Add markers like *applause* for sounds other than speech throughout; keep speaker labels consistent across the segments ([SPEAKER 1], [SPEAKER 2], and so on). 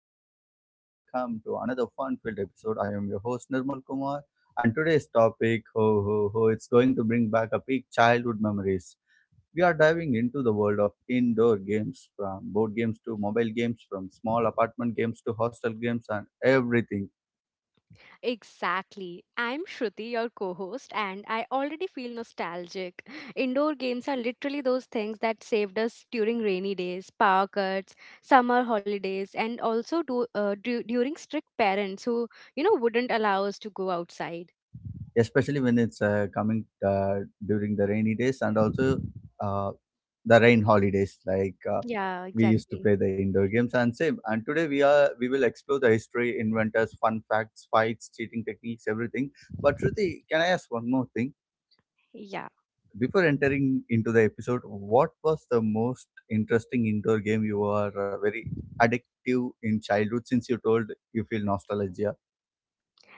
[SPEAKER 1] good morning and welcome to another fun-filled episode. I am your host Nirmal Kumar, and today's topic, ho ho ho, it's going to bring back a big childhood memories. We are diving into the world of indoor games, from board games to mobile games, from small apartment games to hostel games and everything,
[SPEAKER 2] Exactly. I'm Shruti, your co host, and I already feel nostalgic. Indoor games are literally those things that saved us during rainy days, power cuts, summer holidays, and also during strict parents who, wouldn't allow us to go outside.
[SPEAKER 1] especially when it's coming during the rainy days, and also uh, the rain holidays like
[SPEAKER 2] Yeah,
[SPEAKER 1] we used to
[SPEAKER 2] exactly.
[SPEAKER 1] play the indoor games and same. And today we will explore the history, inventors, fun facts, fights, cheating techniques, everything. But Shruti, can I ask one more thing
[SPEAKER 2] Yeah.
[SPEAKER 1] before entering into the episode? What was the most interesting indoor game you were very addictive in childhood, since you told you feel nostalgia?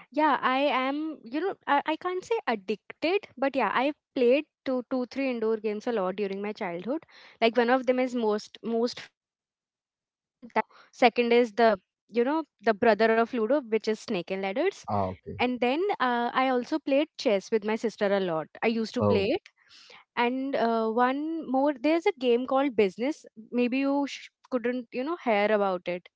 [SPEAKER 2] Yeah, I am, I can't say addicted, but yeah, I played three indoor games a lot during my childhood. Like one of them is most most famous one, that is Ludo. Second is the brother of Ludo, which is Snake and Ladders.
[SPEAKER 1] Ah, okay.
[SPEAKER 2] And then I also played chess with my sister a lot. I used to play
[SPEAKER 1] Oh.
[SPEAKER 2] it. And one more, there's a game called Business. Maybe you couldn't hear about it,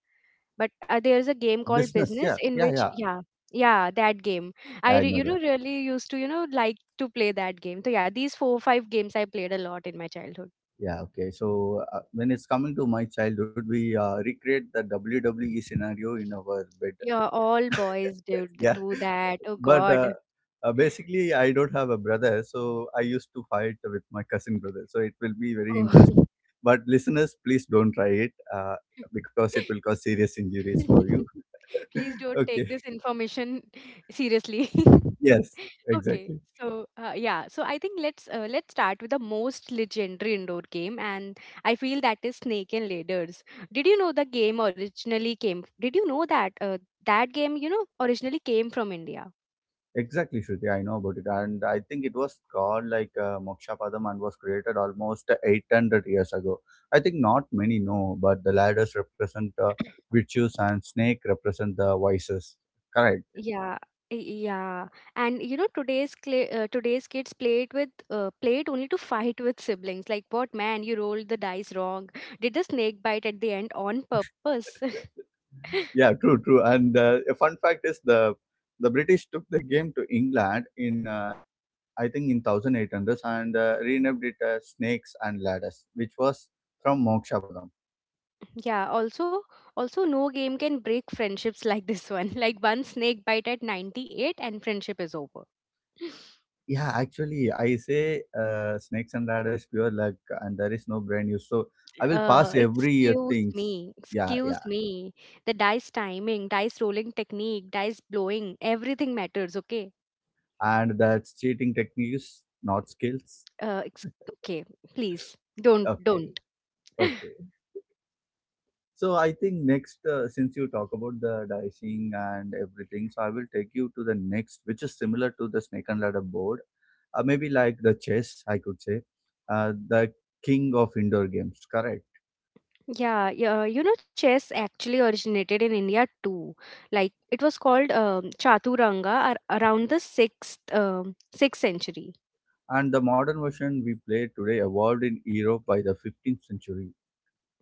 [SPEAKER 2] but there's a game called
[SPEAKER 1] Business,
[SPEAKER 2] business
[SPEAKER 1] yeah,
[SPEAKER 2] in
[SPEAKER 1] yeah,
[SPEAKER 2] which
[SPEAKER 1] yeah.
[SPEAKER 2] yeah, yeah, that game. i
[SPEAKER 1] I
[SPEAKER 2] re-
[SPEAKER 1] know.
[SPEAKER 2] really used to, like to play that game. So yeah, these four five games I played a lot in my childhood.
[SPEAKER 1] Yeah, okay. So when it's coming to my childhood, we recreate the WWE scenario in our bed.
[SPEAKER 2] Yeah, all boys do
[SPEAKER 1] Yeah,
[SPEAKER 2] do
[SPEAKER 1] *laughs*
[SPEAKER 2] that. Oh
[SPEAKER 1] but
[SPEAKER 2] God.
[SPEAKER 1] basically, I don't have a brother, so I used to fight with my cousin brother. So it will be very interesting.
[SPEAKER 2] Oh.
[SPEAKER 1] But listeners, please don't try it, because it will
[SPEAKER 2] *laughs*
[SPEAKER 1] cause serious injuries for you.
[SPEAKER 2] *laughs*
[SPEAKER 1] *laughs*
[SPEAKER 2] Please don't
[SPEAKER 1] Okay.
[SPEAKER 2] take this information seriously. *laughs*
[SPEAKER 1] Yes,
[SPEAKER 2] Okay,
[SPEAKER 1] exactly.
[SPEAKER 2] so yeah, so I think let's start with the most legendary indoor game, and I feel that is Snake and Ladders. Did you know the game originally came? Did you know that that game, originally came from India?
[SPEAKER 1] Exactly, Shruti. I know about it. And I think it was called like Mokshapadam, and was created almost 800 years ago. I think not many know, but the ladders represent virtues and snake represent the vices. Correct.
[SPEAKER 2] Yeah, y- yeah, and you know today's kids play it with play it only to fight with siblings. Like, what, man, you rolled the dice wrong. Did the snake bite at the end on purpose? *laughs*
[SPEAKER 1] Yeah, true, true. And a fun fact is the British took the game to England in, I think in 1800s, and renamed it as Snakes and Ladders, which was from Moksha.
[SPEAKER 2] Yeah, also, also no game can break friendships like this one. *laughs* Like one snake bite at 98 and friendship is over. *laughs*
[SPEAKER 1] Yeah, actually, I say snakes and ladder is pure luck, and there is no brain use. So I will pass every
[SPEAKER 2] Excuse
[SPEAKER 1] things.
[SPEAKER 2] me,
[SPEAKER 1] Yeah, yeah,
[SPEAKER 2] excuse me. The dice timing, dice rolling technique, dice blowing, everything matters, okay?
[SPEAKER 1] and that's cheating techniques, not skills.
[SPEAKER 2] Uh, ex-
[SPEAKER 1] *laughs*
[SPEAKER 2] okay, please
[SPEAKER 1] Okay,
[SPEAKER 2] don't.
[SPEAKER 1] okay. So I think next, since you talk about the dicing and everything, so I will take you to the next, which is similar to the snake and ladder board, maybe like the chess, I could say, the king of indoor games. Correct.
[SPEAKER 2] Yeah, yeah, you know, chess actually originated in India too. Like it was called Chaturanga around the sixth century.
[SPEAKER 1] And the modern version we play today evolved in Europe by the 15th century.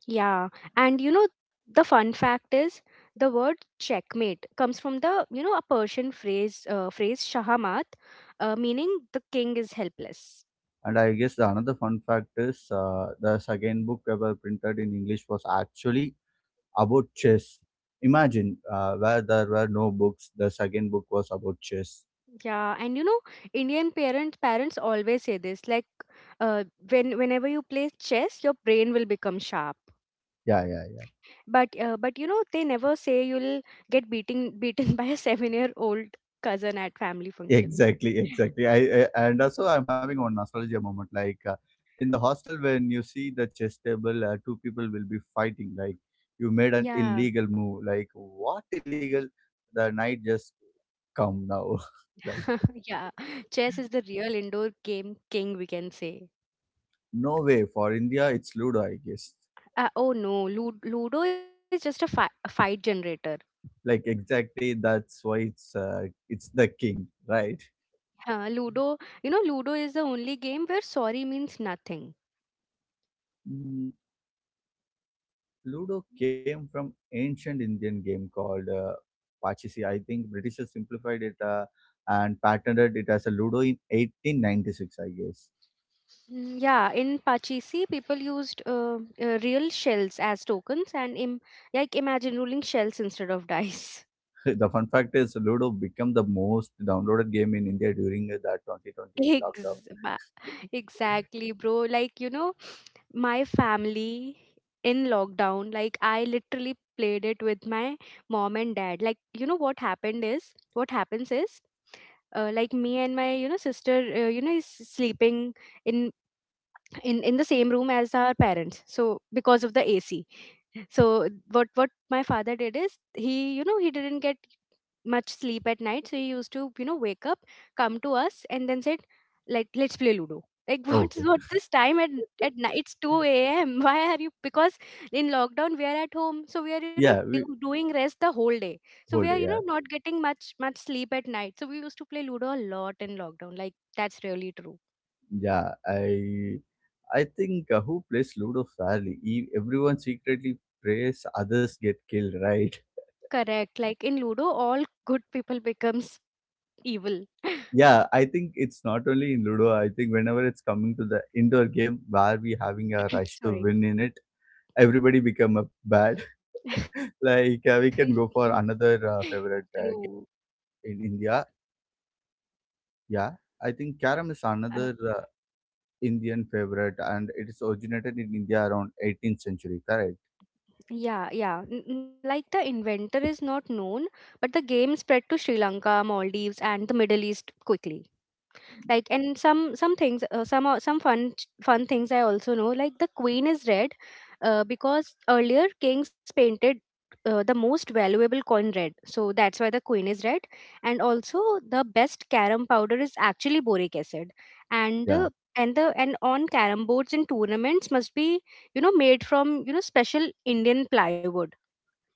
[SPEAKER 2] Yeah, and you know the fun fact is the word checkmate comes from the you know a Persian phrase, shahamat, meaning the king is helpless.
[SPEAKER 1] And I guess the another fun fact is the second book ever printed in English was actually about chess. Imagine where there were no books, the second book was about chess.
[SPEAKER 2] Yeah, and you know, Indian parents always say this, like uh, whenever you play chess, your brain will become sharp.
[SPEAKER 1] Yeah, yeah, yeah.
[SPEAKER 2] But you know, they never say you'll get beating beaten *laughs* by a 7-year old cousin at family
[SPEAKER 1] *laughs*
[SPEAKER 2] functions.
[SPEAKER 1] Exactly, exactly. I and also I'm having one nostalgia moment. Like, in the hostel, when you see the chess table, two people will be fighting. Like, you made an
[SPEAKER 2] Yeah,
[SPEAKER 1] illegal move. Like, what illegal? The knight just come now. *laughs* Like,
[SPEAKER 2] *laughs* yeah. Chess is the real indoor game king, we can say.
[SPEAKER 1] no way. For India, it's Ludo, I guess.
[SPEAKER 2] Oh no, Ludo is just a fight generator.
[SPEAKER 1] Like, exactly, that's why it's the king, right?
[SPEAKER 2] Uh, Ludo is the only game where sorry means nothing.
[SPEAKER 1] Mm. Ludo came from ancient Indian game called Pachisi. I think Britishers simplified it and patented it as a Ludo in 1896, I guess.
[SPEAKER 2] Mm, yeah, in Pachisi, people used real shells as tokens and like imagine rolling shells instead of dice.
[SPEAKER 1] The fun fact is Ludo became the most downloaded game in India during that
[SPEAKER 2] *laughs*
[SPEAKER 1] 2020 lockdown.
[SPEAKER 2] Ex- ba- exactly, bro. Like, you know, my family in lockdown, like, I literally played it with my mom and dad. Like, you know, what happens is, like me and my sister, is sleeping in in the same room as our parents, so because of the AC. So what my father did is, he he didn't get much sleep at night, so he used to, wake up, come to us, and then said like, let's play Ludo. Like, *laughs*
[SPEAKER 1] Okay.
[SPEAKER 2] what's this time at night? It's two a.m. *laughs* Why are you? Because in lockdown we are at home, so we are,
[SPEAKER 1] Yeah, we
[SPEAKER 2] doing rest the whole day. So we
[SPEAKER 1] hold
[SPEAKER 2] are,
[SPEAKER 1] it, yeah.
[SPEAKER 2] not getting much much sleep at night. So we used to play Ludo a lot in lockdown. Like, that's really true.
[SPEAKER 1] Yeah, I think, who plays Ludo fairly? E- everyone secretly prays others get killed, right? *laughs*
[SPEAKER 2] Correct. Like in Ludo, all good people becomes evil.
[SPEAKER 1] Yeah, I think it's not only in Ludo. I think whenever it's coming to the indoor game where we having a
[SPEAKER 2] *coughs*
[SPEAKER 1] rush to
[SPEAKER 2] Sorry.
[SPEAKER 1] win in it, everybody become a bad. *laughs*
[SPEAKER 2] *laughs*
[SPEAKER 1] Like, we can go for another
[SPEAKER 2] True.
[SPEAKER 1] favorite game in India. Yeah, I think
[SPEAKER 2] Uh,
[SPEAKER 1] Karam is another, Indian favorite, and it is originated in India around 18th century. Correct?
[SPEAKER 2] yeah, yeah. Like the inventor is not known, but the game spread to Sri Lanka, Maldives, and the Middle East quickly. Like, and some fun things I also know. Like the queen is red because earlier kings painted the most valuable coin red, so that's why the queen is red. And also, the best carom powder is actually boric acid. and
[SPEAKER 1] Yeah,
[SPEAKER 2] uh, and the and on carom boards in tournaments must be, made from special Indian plywood.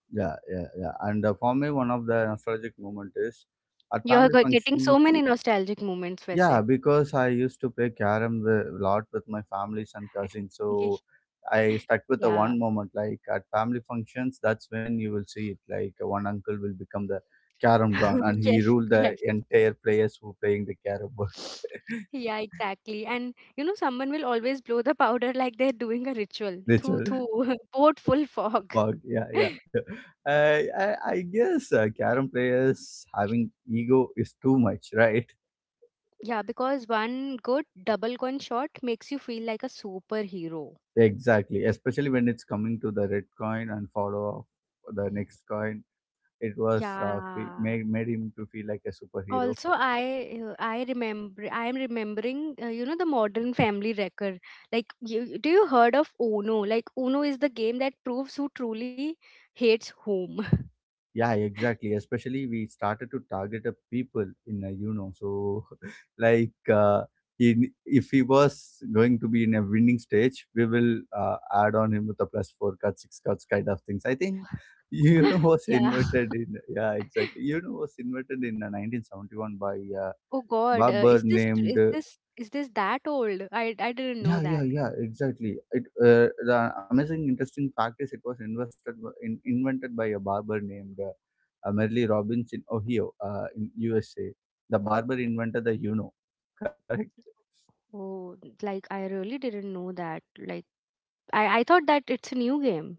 [SPEAKER 1] yeah, yeah, yeah. And for me, one of the nostalgic moment is at
[SPEAKER 2] You're
[SPEAKER 1] family
[SPEAKER 2] getting
[SPEAKER 1] function.
[SPEAKER 2] so many nostalgic moments,
[SPEAKER 1] Yeah,
[SPEAKER 2] Vaise.
[SPEAKER 1] because I used to play carom a lot with my families and cousins. So
[SPEAKER 2] *laughs*
[SPEAKER 1] I stuck with the
[SPEAKER 2] Yeah.
[SPEAKER 1] one moment, like at family functions, that's when you will see it. Like, one uncle will become the carom don,
[SPEAKER 2] *laughs*
[SPEAKER 1] and he
[SPEAKER 2] Yes,
[SPEAKER 1] ruled the
[SPEAKER 2] yes.
[SPEAKER 1] entire players who playing the carom board. *laughs*
[SPEAKER 2] Yeah, exactly. And you know, someone will always blow the powder *laughs* like they're doing a ritual. Thoo
[SPEAKER 1] Ritual
[SPEAKER 2] thoo, *laughs* port full fog.
[SPEAKER 1] fog, yeah,
[SPEAKER 2] *laughs*
[SPEAKER 1] yeah. *laughs* I guess, carom players having ego is too much, *laughs* right?
[SPEAKER 2] Yeah, because one good double coin shot makes you feel like a superhero.
[SPEAKER 1] Exactly, especially when it's coming to the red coin and follow up the next coin. It was,
[SPEAKER 2] Yeah.
[SPEAKER 1] made him to feel like a superhero.
[SPEAKER 2] Also, I remember I am remembering, the Modern Family Wrecker. Like, you, do you heard of Uno? Like, Uno is the game that proves who truly hates whom.
[SPEAKER 1] Yeah, exactly. Especially we started to target a people in a, you know, so *laughs* like. Uh, in, if he was going to be in a winning stage, we will add on him with a plus four cut, six cuts kind of things. I think *laughs* you know
[SPEAKER 2] *laughs*
[SPEAKER 1] was
[SPEAKER 2] Yeah.
[SPEAKER 1] invented in yeah exactly you know was invented in 1971 by a
[SPEAKER 2] Oh God,
[SPEAKER 1] barber
[SPEAKER 2] is this tr-
[SPEAKER 1] named.
[SPEAKER 2] is this that old? I didn't know
[SPEAKER 1] Yeah, yeah,
[SPEAKER 2] that.
[SPEAKER 1] yeah, exactly. It, the amazing, interesting fact is it was invested w- in, invented by a barber named Merle Robbins in Ohio, in USA. The barber invented the Uno, *laughs* correct?
[SPEAKER 2] Oh, like I really didn't know that. Like I thought that it's a new game.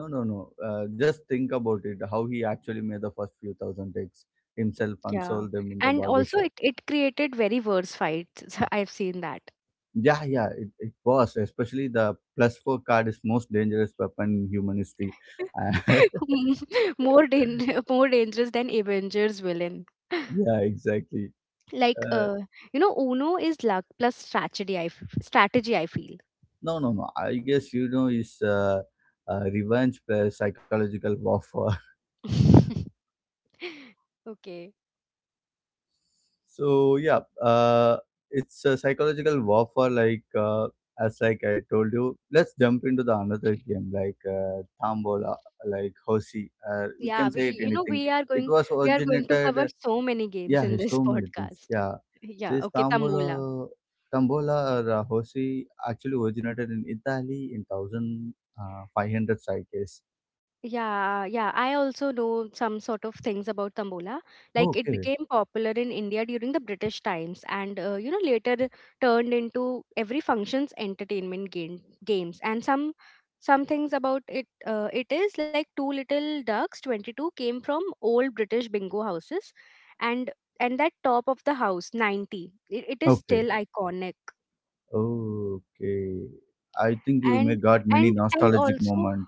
[SPEAKER 1] No, no, no. Just think about it. How he actually made the first few thousand takes himself and
[SPEAKER 2] Yeah,
[SPEAKER 1] sold them in the
[SPEAKER 2] and
[SPEAKER 1] barber
[SPEAKER 2] also
[SPEAKER 1] shop.
[SPEAKER 2] it created very worse fights. *laughs* I've seen that.
[SPEAKER 1] Yeah, yeah, it was. Especially the plus four card is most dangerous weapon in human history. *laughs*
[SPEAKER 2] *laughs* More dan- *laughs* more dangerous than Avengers villain. *laughs*
[SPEAKER 1] Yeah, exactly.
[SPEAKER 2] Like,
[SPEAKER 1] Uh,
[SPEAKER 2] Uno is luck plus strategy. Strategy I feel.
[SPEAKER 1] no, no, no. I guess you know is revenge plus psychological warfare. *laughs*
[SPEAKER 2] *laughs* Okay.
[SPEAKER 1] So yeah, it's a psychological warfare. Like, as like I told you, let's jump into the another game like, Tambola, like Hosi. We
[SPEAKER 2] Yeah,
[SPEAKER 1] can say it anything. It was
[SPEAKER 2] we are going to cover
[SPEAKER 1] originated.
[SPEAKER 2] so many games
[SPEAKER 1] Yeah,
[SPEAKER 2] in
[SPEAKER 1] hey,
[SPEAKER 2] this
[SPEAKER 1] so
[SPEAKER 2] *laughs*
[SPEAKER 1] many things.
[SPEAKER 2] podcast.
[SPEAKER 1] Yeah,
[SPEAKER 2] Yeah,
[SPEAKER 1] this
[SPEAKER 2] okay, Tambola.
[SPEAKER 1] Tambola, Tambola or Hosi actually originated in Italy in thousand five hundred, I guess.
[SPEAKER 2] Yeah, yeah. I also know some sort of things about Tambola. Like, it
[SPEAKER 1] Okay.
[SPEAKER 2] became popular in India during the British times, and later turned into every function's entertainment games. And some things about it. It is like Two Little Ducks 22 came from old British bingo houses, and that top of the house 90. It is
[SPEAKER 1] Okay.
[SPEAKER 2] still iconic,
[SPEAKER 1] Okay. I think you may
[SPEAKER 2] and
[SPEAKER 1] got many
[SPEAKER 2] and and
[SPEAKER 1] nostalgic
[SPEAKER 2] also
[SPEAKER 1] moment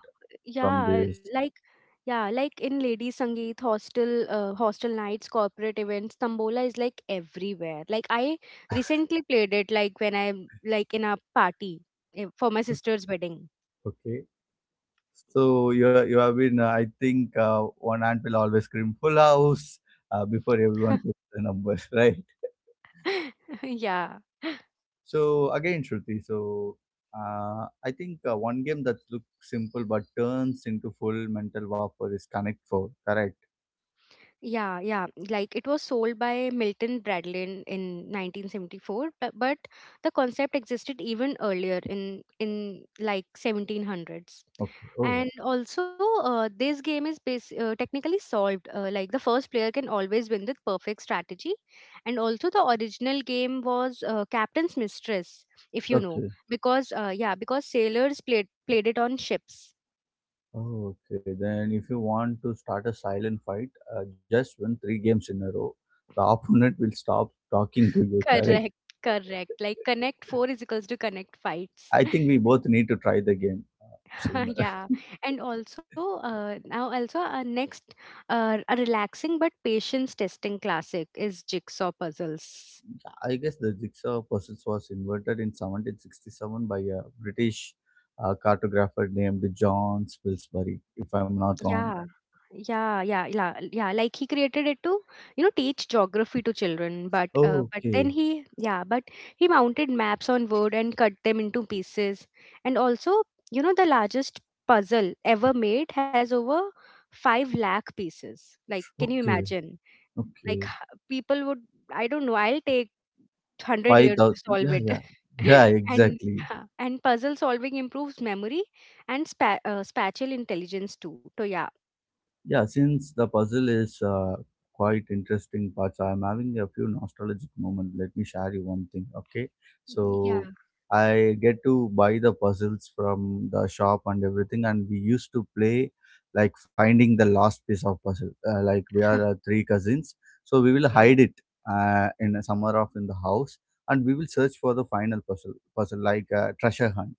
[SPEAKER 1] from
[SPEAKER 2] yeah
[SPEAKER 1] this.
[SPEAKER 2] like Yeah, like in Lady Sangeet, hostel nights, corporate events, tambola is like everywhere. Like I recently played it, like when I'm like in a party, for my sister's wedding.
[SPEAKER 1] Okay. So you are- you have been, I think, one aunt will always scream full house before everyone
[SPEAKER 2] *laughs*
[SPEAKER 1] puts the numbers *laughs* right.
[SPEAKER 2] Yeah.
[SPEAKER 1] So again Shruti, so I think, one game that looks simple but turns into full mental warfare is Connect Four. Correct.
[SPEAKER 2] Yeah, yeah. Like it was sold by Milton Bradley in 1974, but the concept existed even earlier in like 1700s.
[SPEAKER 1] Okay. Oh.
[SPEAKER 2] And also, this game is technically solved. Like, the first player can always win with perfect strategy. And also, the original game was Captain's Mistress, if you know,
[SPEAKER 1] Okay.
[SPEAKER 2] because sailors played it on ships.
[SPEAKER 1] Okay, then if you want to start a silent fight, just win three games in a row. The *laughs* opponent will stop talking to you, correct?
[SPEAKER 2] Correct, correct. Like Connect Four is equals to Connect Fights.
[SPEAKER 1] I think we both need to try the game, sooner.
[SPEAKER 2] *laughs* Yeah.
[SPEAKER 1] *laughs*
[SPEAKER 2] And also, now also our next, a relaxing but patience testing classic is jigsaw puzzles.
[SPEAKER 1] I guess the jigsaw puzzles was invented in 1767 by a British, cartographer named John Spilsbury, if I'm not
[SPEAKER 2] Yeah,
[SPEAKER 1] wrong.
[SPEAKER 2] yeah, yeah, yeah, yeah, like he created it to, teach geography to children, but then
[SPEAKER 1] Okay,
[SPEAKER 2] he yeah but he mounted maps on wood and cut them into pieces. And also, you know, the largest puzzle ever made has over 5 lakh pieces. Like, can you
[SPEAKER 1] okay,
[SPEAKER 2] imagine? Like,
[SPEAKER 1] okay.
[SPEAKER 2] people would, I don't know. I'll take 100
[SPEAKER 1] Five
[SPEAKER 2] years
[SPEAKER 1] thousand.
[SPEAKER 2] to solve
[SPEAKER 1] Yeah,
[SPEAKER 2] it.
[SPEAKER 1] yeah, yeah.
[SPEAKER 2] *laughs* And
[SPEAKER 1] Exactly.
[SPEAKER 2] yeah, and puzzle solving improves memory and spatial intelligence too. So yeah,
[SPEAKER 1] Yeah, since the puzzle is quite interesting parts, I'm having a few nostalgic moments. Let me share you one thing, okay? So
[SPEAKER 2] yeah,
[SPEAKER 1] I get to buy the puzzles from the shop and everything, and we used to play like finding the last piece of puzzle. Like we are three cousins, so we will
[SPEAKER 2] yeah,
[SPEAKER 1] hide it in somewhere off in the house, and we will search for the final puzzle like treasure hunt.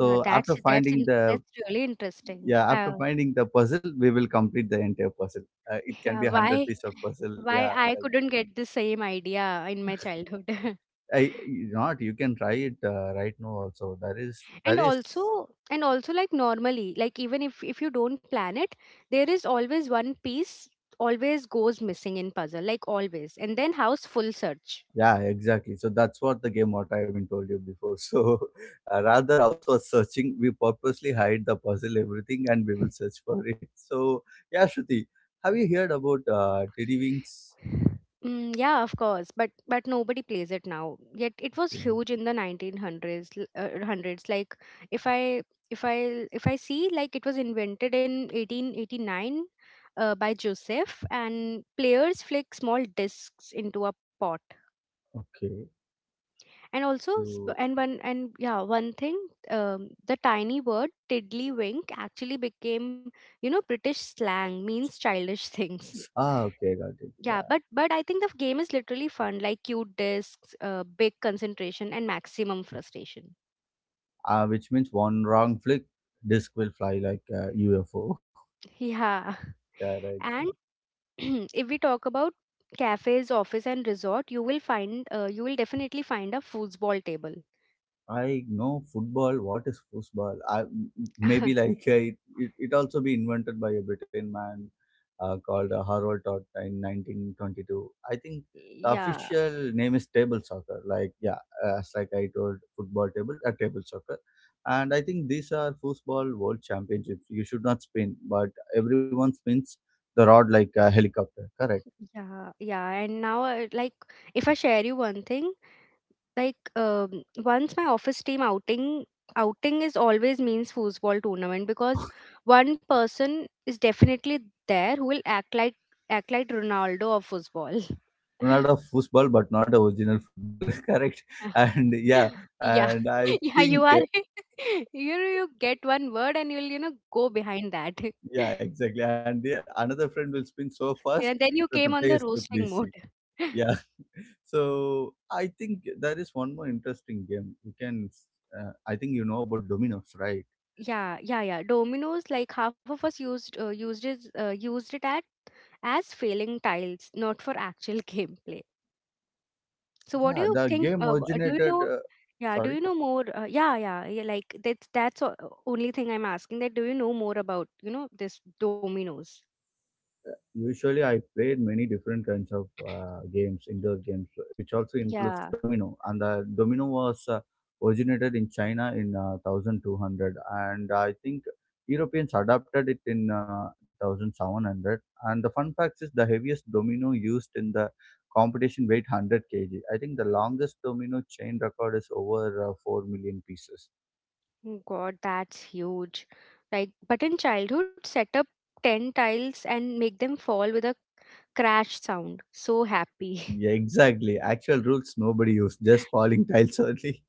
[SPEAKER 2] yeah.
[SPEAKER 1] after
[SPEAKER 2] That's that's
[SPEAKER 1] finding
[SPEAKER 2] in-
[SPEAKER 1] the
[SPEAKER 2] that's really interesting.
[SPEAKER 1] yeah, after finding the puzzle, we will complete the entire puzzle. It can
[SPEAKER 2] Yeah,
[SPEAKER 1] be a hundred piece of puzzle.
[SPEAKER 2] why
[SPEAKER 1] Yeah,
[SPEAKER 2] I
[SPEAKER 1] like
[SPEAKER 2] couldn't get the same idea in my childhood. *laughs*
[SPEAKER 1] that. I you not you can try it right now also. That
[SPEAKER 2] And
[SPEAKER 1] is
[SPEAKER 2] also, like, normally, like, even if you don't plan it, there is always one piece, always goes missing in puzzle, like always, and then house full search.
[SPEAKER 1] yeah exactly. So that's what the game what I have been told you before. *laughs* So, rather house was searching. We purposely hide the puzzle everything and we will search for it. *laughs* So yeah, Shruti, have you heard about Teddy Wings?
[SPEAKER 2] Mm, yeah, of course, but nobody plays it now. Yet it was
[SPEAKER 1] Okay,
[SPEAKER 2] huge in the 1900s, hundreds. Like, if I if I see, like, it was invented in 1889 by Joseph, and players flick small discs into a pot.
[SPEAKER 1] okay.
[SPEAKER 2] And also, s-
[SPEAKER 1] So
[SPEAKER 2] and one and yeah, one thing, the tiny word tiddlywink actually became, you know, British slang means childish *laughs* things.
[SPEAKER 1] ah, okay, got it.
[SPEAKER 2] Yeah,
[SPEAKER 1] Yeah.
[SPEAKER 2] but I think the game is literally fun, like cute discs, big concentration, and maximum frustration.
[SPEAKER 1] Uh, which means one wrong flick, disc will fly like a UFO.
[SPEAKER 2] Yeah,
[SPEAKER 1] *laughs* Correct.
[SPEAKER 2] and *clears throat* if we talk about cafes, office, and resort, you will find you will definitely find a foosball table.
[SPEAKER 1] I know football. What is football? I maybe
[SPEAKER 2] *laughs*
[SPEAKER 1] like *laughs* It also be invented by a Britain man called Harold Todd in 1922. I think the
[SPEAKER 2] Yeah,
[SPEAKER 1] official name is table soccer. Like yeah, as like I told, football table, table soccer. And I think these are football world championships. You should not spin, but everyone spins the rod like a helicopter. Correct.
[SPEAKER 2] yeah, yeah. And now, like, if I share you one thing. Like, once my office team outing is always means foosball tournament, because one person is definitely there who will act like Ronaldo of football.
[SPEAKER 1] Ronaldo of football, but not a original football. *laughs* Correct.
[SPEAKER 2] *laughs*
[SPEAKER 1] And yeah,
[SPEAKER 2] Yeah.
[SPEAKER 1] and I
[SPEAKER 2] *laughs* Yeah, you
[SPEAKER 1] think
[SPEAKER 2] are *laughs* you know, you get one word and you'll, you know, go behind that.
[SPEAKER 1] yeah,
[SPEAKER 2] *laughs*
[SPEAKER 1] exactly. And yeah, another friend will spin so fast
[SPEAKER 2] And then you
[SPEAKER 1] that
[SPEAKER 2] came
[SPEAKER 1] the
[SPEAKER 2] on the
[SPEAKER 1] players look
[SPEAKER 2] roasting mode.
[SPEAKER 1] busy.
[SPEAKER 2] *laughs*
[SPEAKER 1] Yeah. *laughs* So I think there is one more interesting game. You can, I think you know about dominoes, right?
[SPEAKER 2] Yeah, yeah, yeah, dominoes, like half of us used used it at as failing tiles, not for actual *laughs* gameplay. So what do
[SPEAKER 1] Yeah,
[SPEAKER 2] you
[SPEAKER 1] the
[SPEAKER 2] think?
[SPEAKER 1] game
[SPEAKER 2] Do you
[SPEAKER 1] originated.
[SPEAKER 2] know? Yeah, do
[SPEAKER 1] Sorry.
[SPEAKER 2] you know more? Yeah, yeah, yeah. Like, that's only thing I'm asking. That, do you know more about, you know, this dominoes?
[SPEAKER 1] Usually, I played many different kinds of games, indoor games, which also
[SPEAKER 2] Yeah.
[SPEAKER 1] includes domino. And the domino was originated in China in 1200, and I think Europeans adapted it in 1700. And the fun fact is, the heaviest domino used in the competition weighed 100 kg. I think the longest domino chain record is over, 4 million pieces.
[SPEAKER 2] Oh God, that's huge. Like, but in childhood, set up ten tiles and make them fall with a crash sound. So happy.
[SPEAKER 1] Yeah, exactly. Actual rules nobody used, just falling tiles only.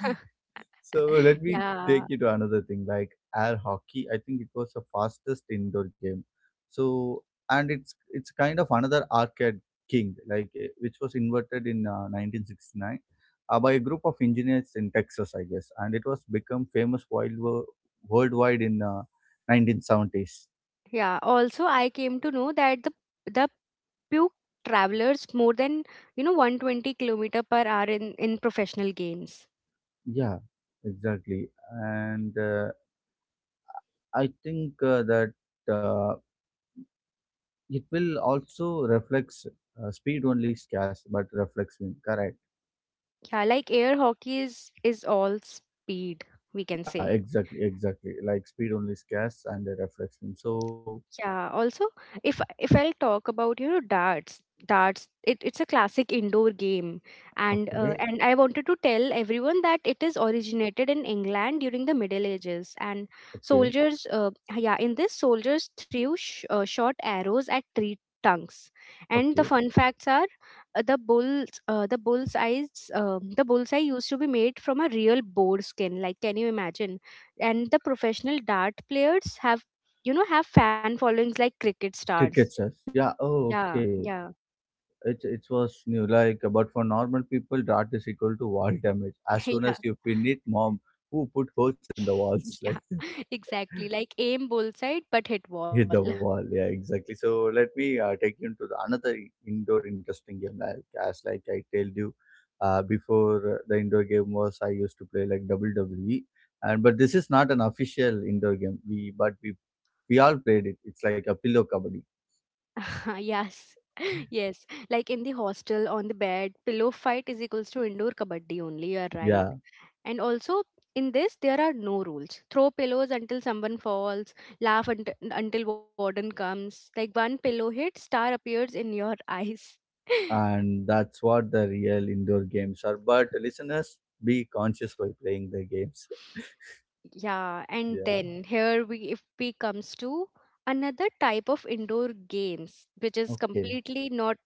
[SPEAKER 1] *laughs* So let me take
[SPEAKER 2] Yeah,
[SPEAKER 1] you to another thing like air hockey. I think it was the fastest indoor game. So and it's kind of another arcade king which was invented in 1969 by a group of engineers in Texas, I guess, and it was become famous worldwide in 1970s.
[SPEAKER 2] yeah. Also, I came to know that the puke travelers more than 120 km/h kilometer per hour in professional games.
[SPEAKER 1] Yeah, exactly, and I think that uh, it will also reflects speed only scarce, but reflects win. Correct.
[SPEAKER 2] Yeah, like air hockey is all speed, we can
[SPEAKER 1] Yeah,
[SPEAKER 2] say.
[SPEAKER 1] exactly, exactly. Like speed only scares and the reflection. So
[SPEAKER 2] Yeah, also if I'll talk about darts, darts, it's a classic indoor game and uh,
[SPEAKER 1] okay,
[SPEAKER 2] and I wanted to tell everyone that it is originated in England during the Middle Ages, and
[SPEAKER 1] okay,
[SPEAKER 2] soldiers, yeah, in this soldiers threw short arrows at tree trunks. And the
[SPEAKER 1] okay.
[SPEAKER 2] fun facts are, the bulls the bull's eyes the bullseye used to be made from a real boar skin. Like, can you imagine? And the professional dart players have, have fan followings like cricket stars.
[SPEAKER 1] Cricket says, yeah. Oh,
[SPEAKER 2] yeah
[SPEAKER 1] okay.
[SPEAKER 2] yeah
[SPEAKER 1] It was new. Like, but for normal people, dart is equal to wall damage.
[SPEAKER 2] *laughs*
[SPEAKER 1] As soon
[SPEAKER 2] Yeah.
[SPEAKER 1] as you pin it, mom, who put holes in the
[SPEAKER 2] *laughs*
[SPEAKER 1] walls *laughs*
[SPEAKER 2] Yeah.
[SPEAKER 1] like that?
[SPEAKER 2] *laughs* Exactly. Like, aim bull side but hit wall.
[SPEAKER 1] Hit the wall. Yeah, exactly. So let me take you into the another indoor interesting game. Like as like I told you, before the indoor game was I used to play like WWE, and but this is not an official indoor game. We but we all played it. It's like a pillow kabaddi.
[SPEAKER 2] *laughs* Yes. *laughs* Yes. Like, in the hostel on the bed, pillow fight is equals to indoor kabaddi only, you are right.
[SPEAKER 1] Yeah,
[SPEAKER 2] And also, in this there are no rules, throw pillows until someone falls, laugh, until warden comes. Like, one pillow hit, star appears in your eyes. *laughs*
[SPEAKER 1] and that's what the real indoor games are. But listeners, be conscious while playing the games.
[SPEAKER 2] Yeah, and
[SPEAKER 1] Yeah.
[SPEAKER 2] then here we, if we comes to another type of indoor games which is
[SPEAKER 1] Okay.
[SPEAKER 2] completely not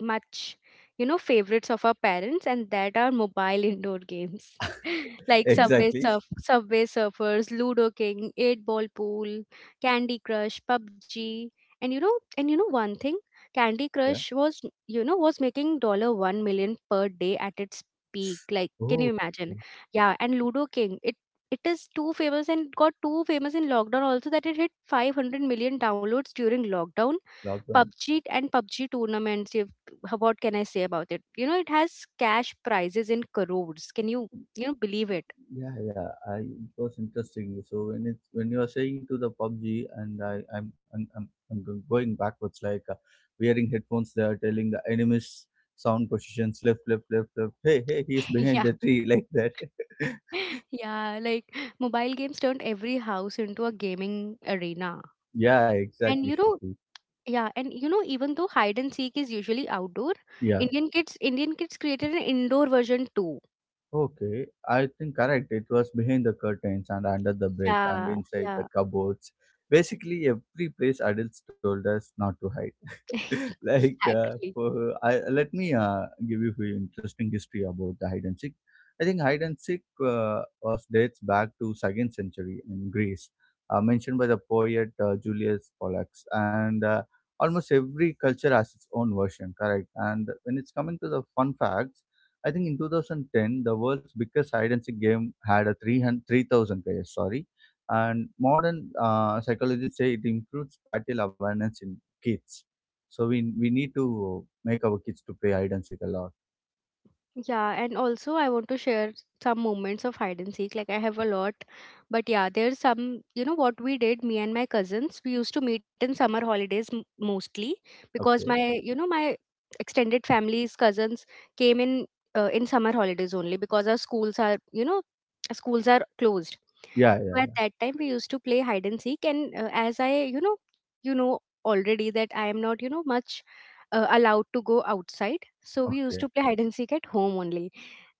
[SPEAKER 2] much favorites of our parents, and that are mobile indoor games. *laughs*
[SPEAKER 1] *laughs*
[SPEAKER 2] Like Subway
[SPEAKER 1] Exactly.
[SPEAKER 2] Surf, Subway Surfers, Ludo King, 8 Ball Pool, Candy Crush, PUBG. And you know, one thing, Candy
[SPEAKER 1] Yeah.
[SPEAKER 2] Crush was, was making dollar 1 million per day at its peak. Like, can you
[SPEAKER 1] Oh,
[SPEAKER 2] imagine? Yeah, and Ludo King, it is too famous and got too famous in lockdown also, that it hit 500 million downloads during lockdown.
[SPEAKER 1] lockdown.
[SPEAKER 2] PUBG, and PUBG tournaments, if, what can I say about it? You know, it has cash prizes in crores. Can you, you know believe it?
[SPEAKER 1] Yeah, yeah, it was interesting. So when you are saying to the PUBG, and I, I'm go- going backwards, like wearing headphones. They are telling the enemies sound positions left, left, left, left. Hey, hey, he is
[SPEAKER 2] *laughs*
[SPEAKER 1] behind
[SPEAKER 2] Yeah,
[SPEAKER 1] the tree like that.
[SPEAKER 2] yeah. Like, mobile games turned every house into a gaming arena.
[SPEAKER 1] *laughs* Yeah,
[SPEAKER 2] And
[SPEAKER 1] exactly, Shruti.
[SPEAKER 2] you know, even though hide and seek is usually outdoor,
[SPEAKER 1] Yeah,
[SPEAKER 2] Indian kids created an indoor version too.
[SPEAKER 1] okay. I think correct. It was behind the curtains and under the bed and
[SPEAKER 2] Yeah,
[SPEAKER 1] inside the
[SPEAKER 2] yeah.
[SPEAKER 1] cupboards. Basically, every place adults told us not to hide. *laughs*
[SPEAKER 2] *laughs*
[SPEAKER 1] Like
[SPEAKER 2] Exactly.
[SPEAKER 1] let me give you few interesting history about the hide and seek. I think hide and seek was dates back to second century in Greece, mentioned by the poet Julius Pollux, and almost every culture has its own version, correct. And when it's coming to the fun facts, I think in 2010 the world's biggest hide and seek game had a 303,000 players, sorry. And modern psychologists say it improves spatial awareness in kids. So we need to make our kids to play hide and seek a lot.
[SPEAKER 2] Yeah, and also I want to share some moments of hide and seek. Like, I have a lot, but yeah, there's some, you know, what we did, me and my cousins, we used to meet in summer holidays mostly because
[SPEAKER 1] Okay.
[SPEAKER 2] my, you know, my extended families, cousins came in summer holidays only, because our schools are closed.
[SPEAKER 1] Yeah, yeah.
[SPEAKER 2] So at
[SPEAKER 1] Yeah.
[SPEAKER 2] that time we used to play hide and seek, and as I, you know already, that I am not, you know, much allowed to go outside. So we used to
[SPEAKER 1] Okay.
[SPEAKER 2] play hide and seek at home only.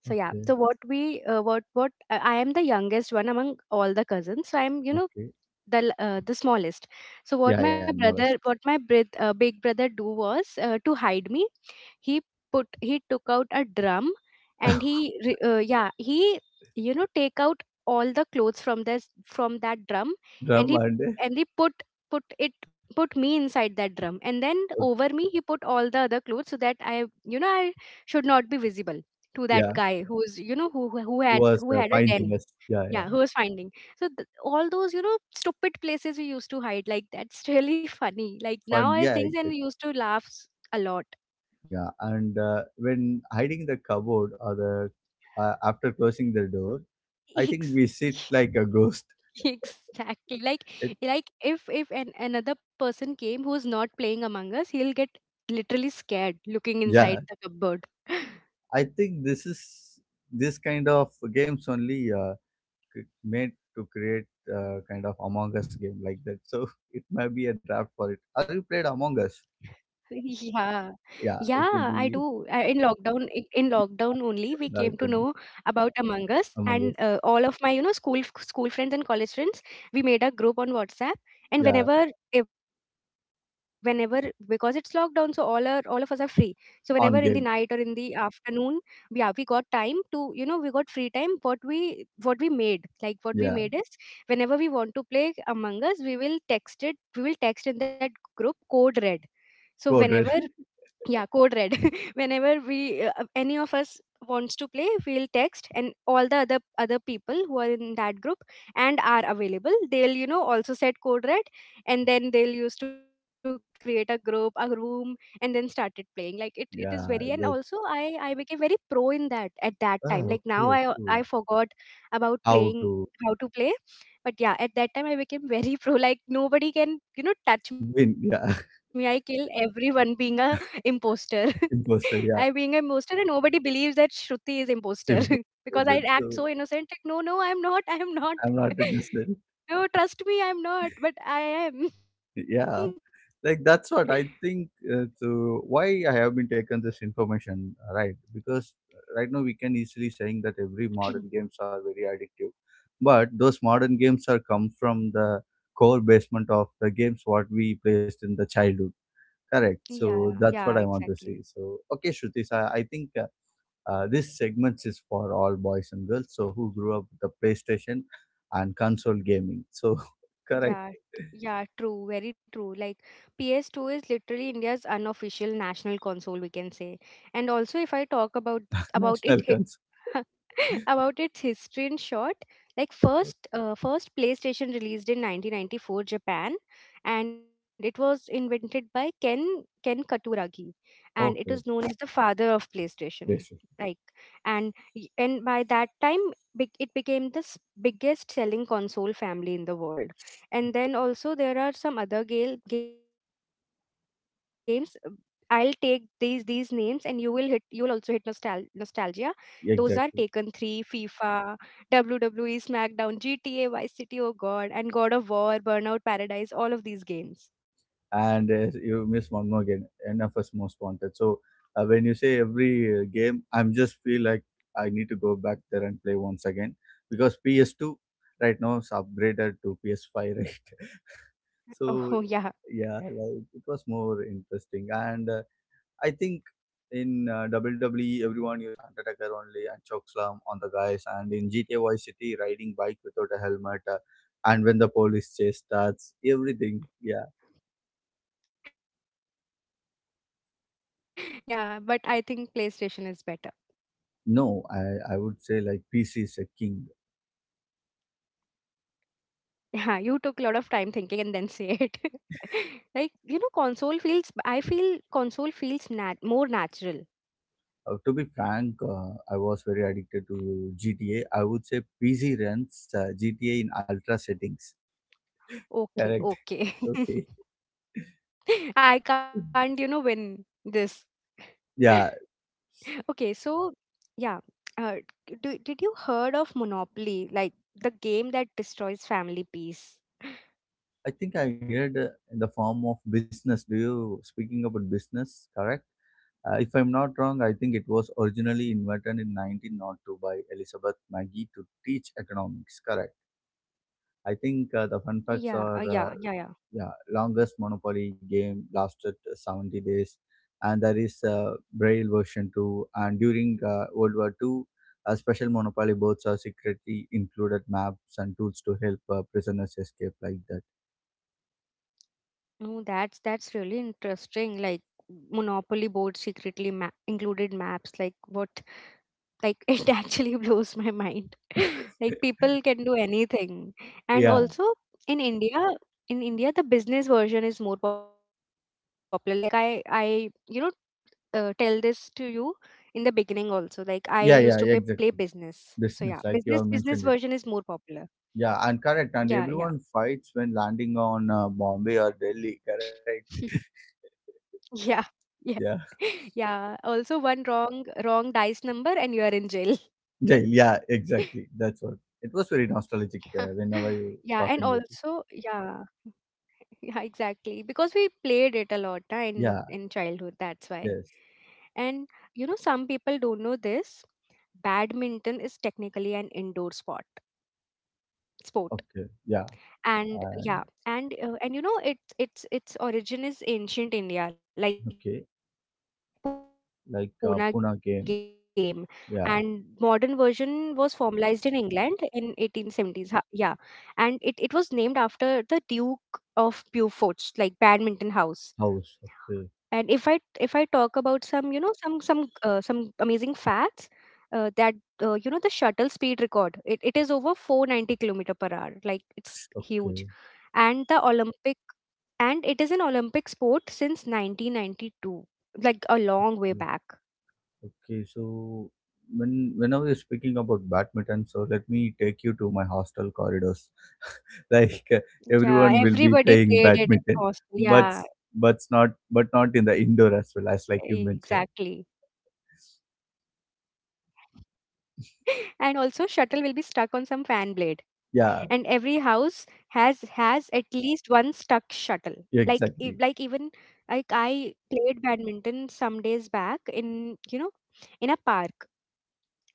[SPEAKER 2] So yeah,
[SPEAKER 1] Okay.
[SPEAKER 2] so what we what I am the youngest one among all the cousins. So I'm, you know,
[SPEAKER 1] Okay.
[SPEAKER 2] the smallest. So
[SPEAKER 1] Yeah,
[SPEAKER 2] what
[SPEAKER 1] yeah.
[SPEAKER 2] my brother
[SPEAKER 1] Molest.
[SPEAKER 2] what my brith- big brother do was to hide me. He put he took out a drum, and he you know, take out all the clothes from this from that drum,
[SPEAKER 1] Drum
[SPEAKER 2] and he
[SPEAKER 1] and
[SPEAKER 2] and he put put it put me inside that drum, and then
[SPEAKER 1] okay.
[SPEAKER 2] over me he put all the other clothes so that I, you know, I should not be visible to that
[SPEAKER 1] Yeah,
[SPEAKER 2] guy who's, you know,
[SPEAKER 1] who was
[SPEAKER 2] who had a
[SPEAKER 1] finding
[SPEAKER 2] den.
[SPEAKER 1] us? Yeah, yeah.
[SPEAKER 2] Yeah, who was finding. So all those, you know, stupid places we used to hide, like, that's *laughs* really funny. Like, now
[SPEAKER 1] Fun.
[SPEAKER 2] I
[SPEAKER 1] Yeah,
[SPEAKER 2] think and
[SPEAKER 1] exactly.
[SPEAKER 2] we used to laugh a lot.
[SPEAKER 1] Yeah, and when hiding the cupboard or the after closing the door, I think
[SPEAKER 2] Ex-
[SPEAKER 1] we sit
[SPEAKER 2] *laughs*
[SPEAKER 1] like a ghost.
[SPEAKER 2] exactly. Like
[SPEAKER 1] *laughs* It,
[SPEAKER 2] like if an, another person came who's not playing Among Us, he'll get literally scared looking
[SPEAKER 1] yeah,
[SPEAKER 2] inside the cupboard. *laughs*
[SPEAKER 1] I think this kind of games only made to create kind of Among Us game like that. So *laughs* it might be a draft for it. Are you played Among
[SPEAKER 2] *laughs*
[SPEAKER 1] Us?
[SPEAKER 2] Yeah. Yeah, I
[SPEAKER 1] Yeah,
[SPEAKER 2] do.
[SPEAKER 1] it
[SPEAKER 2] In
[SPEAKER 1] will be,
[SPEAKER 2] lockdown, in lockdown only,
[SPEAKER 1] yeah,
[SPEAKER 2] we came to know
[SPEAKER 1] like a-
[SPEAKER 2] about Among Us, and
[SPEAKER 1] Among
[SPEAKER 2] all
[SPEAKER 1] Us.
[SPEAKER 2] of my, you know, school friends and college friends, we made a group on WhatsApp. And
[SPEAKER 1] Yeah,
[SPEAKER 2] whenever, eh, whenever, because it's lockdown, so all of us are free. So whenever in the night or in
[SPEAKER 1] on
[SPEAKER 2] the
[SPEAKER 1] game.
[SPEAKER 2] afternoon, we got time to, you know, we got free time. Like, what we
[SPEAKER 1] Yeah,
[SPEAKER 2] made is, whenever we want to play Among Us, we will text it. We will text in that group Code Red. So
[SPEAKER 1] code
[SPEAKER 2] whenever,
[SPEAKER 1] red.
[SPEAKER 2] yeah, Code Red. *laughs* Whenever we, any of us wants to play, we'll text, and all the other people who are in that group and are available, they'll, you know, also set Code Red, and then they'll used to create a room, and then started playing. Like, it is very, and
[SPEAKER 1] *laughs*
[SPEAKER 2] also
[SPEAKER 1] Yeah,
[SPEAKER 2] i
[SPEAKER 1] that.
[SPEAKER 2] i became very pro in that at that time. Like, now
[SPEAKER 1] Ah,
[SPEAKER 2] I
[SPEAKER 1] okay, cool.
[SPEAKER 2] forgot about playing
[SPEAKER 1] How
[SPEAKER 2] how
[SPEAKER 1] to
[SPEAKER 2] to play, but yeah, at that time I became very *laughs* pro. Like, nobody can, you know, touch me. I
[SPEAKER 1] win?
[SPEAKER 2] kill
[SPEAKER 1] Yeah,
[SPEAKER 2] everyone being a imposter. *laughs* *laughs* I being a
[SPEAKER 1] *laughs*
[SPEAKER 2] imposter,
[SPEAKER 1] imposter.
[SPEAKER 2] and
[SPEAKER 1] Yeah,
[SPEAKER 2] nobody believes that Shruti is imposter, *laughs*
[SPEAKER 1] simple
[SPEAKER 2] because I
[SPEAKER 1] like
[SPEAKER 2] act
[SPEAKER 1] that.
[SPEAKER 2] so
[SPEAKER 1] So
[SPEAKER 2] innocent. Like, no, no, I'm not. I'm not.
[SPEAKER 1] I'm not interested.
[SPEAKER 2] *laughs* No, trust me, I'm not. But I am.
[SPEAKER 1] Yeah,
[SPEAKER 2] *laughs*
[SPEAKER 1] like that's what I think, to why I have been taken this information, right, because right now we can easily saying that
[SPEAKER 2] *clears throat*
[SPEAKER 1] every modern games are very addictive. But those modern games are come from the core basement of the games what we placed in the childhood, correct.
[SPEAKER 2] Yeah,
[SPEAKER 1] So
[SPEAKER 2] yeah,
[SPEAKER 1] that's what I want
[SPEAKER 2] exactly.
[SPEAKER 1] to see. So okay, Shrutis, I think this segment is for all boys and girls, so who grew up with the PlayStation and console gaming, so *laughs* correct.
[SPEAKER 2] Yeah, yeah, true, very true. Like, PS2 is literally India's unofficial national console, we can say. And also, if I talk about
[SPEAKER 1] *laughs*
[SPEAKER 2] about it
[SPEAKER 1] National concern.
[SPEAKER 2] *laughs* about its history in short, like,
[SPEAKER 1] Okay.
[SPEAKER 2] first PlayStation released in 1994 Japan, and it was invented by Ken Katuragi, and it is known
[SPEAKER 1] Okay.
[SPEAKER 2] as the father of PlayStation.
[SPEAKER 1] Gracious.
[SPEAKER 2] Like, and y- and by that time, it became the biggest selling console family in the world. And then also there are some other games, I'll take these names and you will also hit nostalgia. Those are Taken
[SPEAKER 1] Exactly.
[SPEAKER 2] 3, FIFA, WWE, SmackDown, GTA, Vice City, oh god, and God of War, Burnout Paradise, all of these games.
[SPEAKER 1] And you miss one more game. NFS Most Wanted. So when you say every game, I'm just feel like I need to go back there and play once again because PS2 right now is upgraded to PS5, right? *laughs* So yeah, like it
[SPEAKER 2] Oh, *laughs*
[SPEAKER 1] was
[SPEAKER 2] yeah.
[SPEAKER 1] more interesting. And I think in WWE, everyone used Hunt Attacker only and Chokeslam on the guys, and in GTA Vice City, riding bike without a helmet, and when the police chase starts, everything. Yeah,
[SPEAKER 2] Yeah, but I think PlayStation is better. *laughs*
[SPEAKER 1] no, I would say like PC is a king.
[SPEAKER 2] Yeah, you took a lot of time thinking and then say it. *laughs* Like, you know, console feels nat
[SPEAKER 1] To be
[SPEAKER 2] more
[SPEAKER 1] frank,
[SPEAKER 2] natural.
[SPEAKER 1] I was very addicted to GTA. I would say PC runs GTA in ultra settings. Correct. *laughs* Okay.
[SPEAKER 2] Okay, okay. *laughs* I can't, you know, win
[SPEAKER 1] Yeah,
[SPEAKER 2] this. *laughs* Okay, so yeah, uh, did you heard of Monopoly, like the game that destroys family
[SPEAKER 1] I
[SPEAKER 2] peace?
[SPEAKER 1] think I heard, in the form of business. Do you speaking about business? Correct. If I'm not wrong, I think it was originally invented in 1902 by Elizabeth Maggie to teach economics. Correct. I think the fun facts are,
[SPEAKER 2] Yeah, yeah.
[SPEAKER 1] yeah, longest Monopoly game lasted 70 days, and there is a Braille version too. And during World War II, special Monopoly boats are secretly included maps and tools to help prisoners escape like that.
[SPEAKER 2] No, that's really interesting. Like, Monopoly board secretly ma included maps. Like, what? Like, *laughs* it actually blows my mind. *laughs* Like, people can do anything. And
[SPEAKER 1] Yeah,
[SPEAKER 2] also in India, in India, the business version is more popular. Like, you know, tell this to you in the beginning also. Like, I used to play
[SPEAKER 1] yeah, yeah, yeah,
[SPEAKER 2] business.
[SPEAKER 1] exactly.
[SPEAKER 2] So yeah,
[SPEAKER 1] Business,
[SPEAKER 2] business
[SPEAKER 1] like you
[SPEAKER 2] version
[SPEAKER 1] have
[SPEAKER 2] is more
[SPEAKER 1] mentioned it.
[SPEAKER 2] popular.
[SPEAKER 1] Yeah, and
[SPEAKER 2] Yeah,
[SPEAKER 1] correct.
[SPEAKER 2] yeah.
[SPEAKER 1] And everyone fights when landing on Bombay or Delhi, correct?
[SPEAKER 2] *laughs*
[SPEAKER 1] *laughs*
[SPEAKER 2] Yeah. Yeah. *laughs*
[SPEAKER 1] Yeah.
[SPEAKER 2] Yeah. Also, one wrong dice number and you are in jail.
[SPEAKER 1] Jail, yeah, exactly. That's what. It was very nostalgic,
[SPEAKER 2] *laughs*
[SPEAKER 1] whenever
[SPEAKER 2] Yeah,
[SPEAKER 1] you
[SPEAKER 2] and
[SPEAKER 1] talking with you.
[SPEAKER 2] also yeah. Yeah, exactly. Because we played it a lot na,
[SPEAKER 1] Yeah,
[SPEAKER 2] in childhood, that's why.
[SPEAKER 1] yes.
[SPEAKER 2] And you know, some people don't know this. Badminton is technically an indoor sport
[SPEAKER 1] Okay,
[SPEAKER 2] sport.
[SPEAKER 1] yeah. And
[SPEAKER 2] And yeah, and you know, it its origin is ancient India,
[SPEAKER 1] okay,
[SPEAKER 2] like pona game, and
[SPEAKER 1] like
[SPEAKER 2] modern
[SPEAKER 1] Pune
[SPEAKER 2] version
[SPEAKER 1] game.
[SPEAKER 2] was formalized in
[SPEAKER 1] Yeah,
[SPEAKER 2] England in 1870s. Yeah. And it was named after the Duke of Beaufort's, like Badminton House. And if i
[SPEAKER 1] house.
[SPEAKER 2] if i
[SPEAKER 1] Okay,
[SPEAKER 2] talk about some, you know, some amazing facts, that you know, the shuttle speed record, it is over 490 kilometer per hour. Like, it's huge.
[SPEAKER 1] okay.
[SPEAKER 2] And the olympic and it is an Olympic sport since 1992, like a long
[SPEAKER 1] Yeah.
[SPEAKER 2] way back.
[SPEAKER 1] Okay, so when I was speaking about badminton, so let me take you to my hostel corridors. *laughs* Like everyone will be
[SPEAKER 2] Yeah,
[SPEAKER 1] playing
[SPEAKER 2] everybody
[SPEAKER 1] badminton,
[SPEAKER 2] played it
[SPEAKER 1] but
[SPEAKER 2] in hostel.
[SPEAKER 1] but not
[SPEAKER 2] Yeah,
[SPEAKER 1] but not in the indoor
[SPEAKER 2] exactly.
[SPEAKER 1] as well as like you mentioned.
[SPEAKER 2] And also, shuttle will be stuck on some fan blade, and
[SPEAKER 1] Yeah,
[SPEAKER 2] every house has at least one stuck shuttle.
[SPEAKER 1] yeah,
[SPEAKER 2] Like, e-
[SPEAKER 1] exactly.
[SPEAKER 2] like even like I played badminton some days back in, you know, in a park,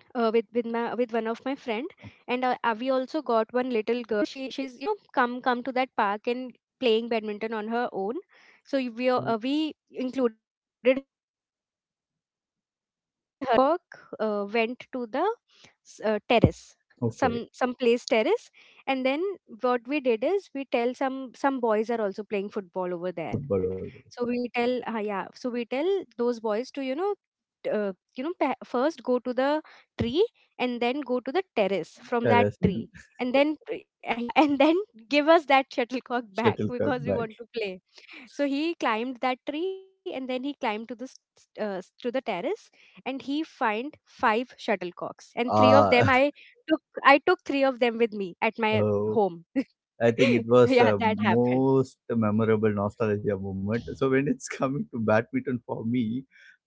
[SPEAKER 2] with one of my friend, and, we also got one little girl. She's you know, come to that park and playing badminton on her own, so we,
[SPEAKER 1] Okay,
[SPEAKER 2] we included her also with us. So yeah, we are playing, and our shuttlecock went to the terrace,
[SPEAKER 1] okay.
[SPEAKER 2] some place terrace, and then what we did is, we tell some boys are also playing football over there.
[SPEAKER 1] Football over there.
[SPEAKER 2] So we tell, we tell those boys to first go to the tree and then go to the terrace from that
[SPEAKER 1] Terrace and
[SPEAKER 2] tree,
[SPEAKER 1] *laughs*
[SPEAKER 2] and then yeah, *laughs* and then give us that shuttlecock back
[SPEAKER 1] shuttlecock
[SPEAKER 2] because we
[SPEAKER 1] back.
[SPEAKER 2] want to play. So he climbed that tree and then he climbed to the terrace and he find 5 shuttlecocks, and 3 of them
[SPEAKER 1] Ah,
[SPEAKER 2] I took 3 of them with me at
[SPEAKER 1] *laughs*
[SPEAKER 2] my
[SPEAKER 1] oh.
[SPEAKER 2] home.
[SPEAKER 1] I think it
[SPEAKER 2] *laughs*
[SPEAKER 1] was
[SPEAKER 2] Yeah,
[SPEAKER 1] a
[SPEAKER 2] that happened.
[SPEAKER 1] most memorable nostalgia moment. So when it's *laughs* coming to badminton for me,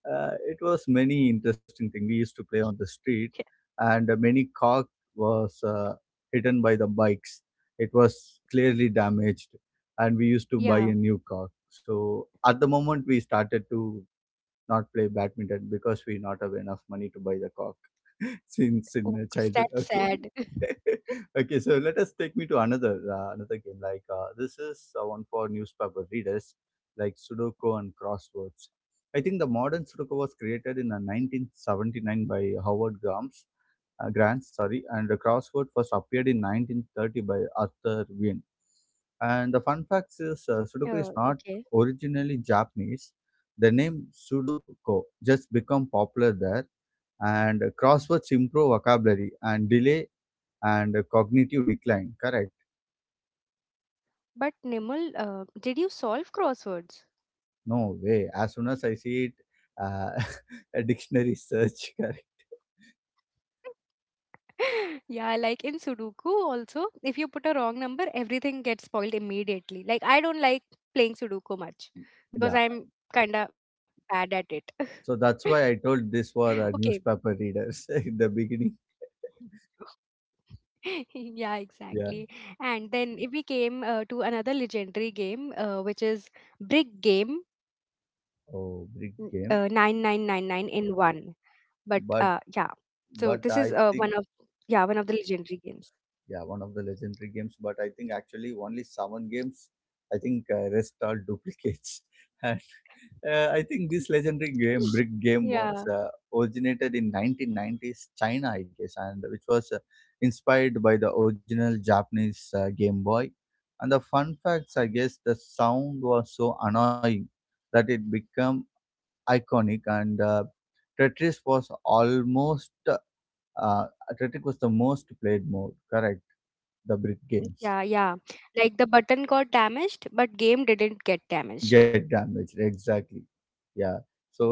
[SPEAKER 1] it was many interesting thing. We used to play on the street, and many cock was hidden by the bikes. It was clearly damaged, and we used to buy a
[SPEAKER 2] Yeah,
[SPEAKER 1] new cock. So at the moment we started to not play badminton because we not have enough money to buy the cock *laughs* since in
[SPEAKER 2] oh, gosh,
[SPEAKER 1] childhood.
[SPEAKER 2] that's
[SPEAKER 1] Okay.
[SPEAKER 2] sad. *laughs*
[SPEAKER 1] *laughs* Okay, so let us take me to another game. Like this is one for newspaper readers, like Sudoku and crosswords. I think the modern Sudoku was created in 1979 by Howard Gams, grants, sorry, and Crossword first appeared in 1930 by Arthur Wien. And the fun fact is,
[SPEAKER 2] Uh,
[SPEAKER 1] Sudoku
[SPEAKER 2] okay.
[SPEAKER 1] is not originally Japanese. The name Sudoku just become popular there, and crosswords improve vocabulary and delay and cognitive decline. Correct?
[SPEAKER 2] But Nimble, did you solve crosswords?
[SPEAKER 1] No way. As soon as I see it, uh, *laughs* a dictionary search. *laughs* Correct?
[SPEAKER 2] *laughs* Yeah, like in Sudoku also, if you put a wrong number, everything gets spoiled immediately. Like I don't like playing Sudoku much
[SPEAKER 1] Yeah.
[SPEAKER 2] because I'm kind of bad at it.
[SPEAKER 1] So that's why I told this
[SPEAKER 2] *laughs*
[SPEAKER 1] for
[SPEAKER 2] Okay.
[SPEAKER 1] newspaper readers *laughs* in the beginning.
[SPEAKER 2] *laughs* Yeah,
[SPEAKER 1] Yeah.
[SPEAKER 2] exactly. And then if we came to another legendary game, which is Brick Game
[SPEAKER 1] Oh, big game.
[SPEAKER 2] 9999 in one. But yeah,
[SPEAKER 1] But
[SPEAKER 2] so this is
[SPEAKER 1] but
[SPEAKER 2] one
[SPEAKER 1] I
[SPEAKER 2] of
[SPEAKER 1] think,
[SPEAKER 2] Yeah, one of the legendary games.
[SPEAKER 1] yeah, one of the legendary games. But I think actually only seven games. I think rest are duplicates. *laughs* And I think this legendary game,
[SPEAKER 2] *gasps*
[SPEAKER 1] brick game, was
[SPEAKER 2] Yeah,
[SPEAKER 1] originated in 1990s China, I guess, and which was inspired by the original Japanese Game Boy. And the fun facts, I guess, the sound was so annoying that it became iconic, and Tetris was almost, Uh, Athletic was the most played mode, correct? The brick games
[SPEAKER 2] yeah, yeah. Like the button got damaged, but game didn't get
[SPEAKER 1] get
[SPEAKER 2] damaged.
[SPEAKER 1] damaged, exactly. Yeah. So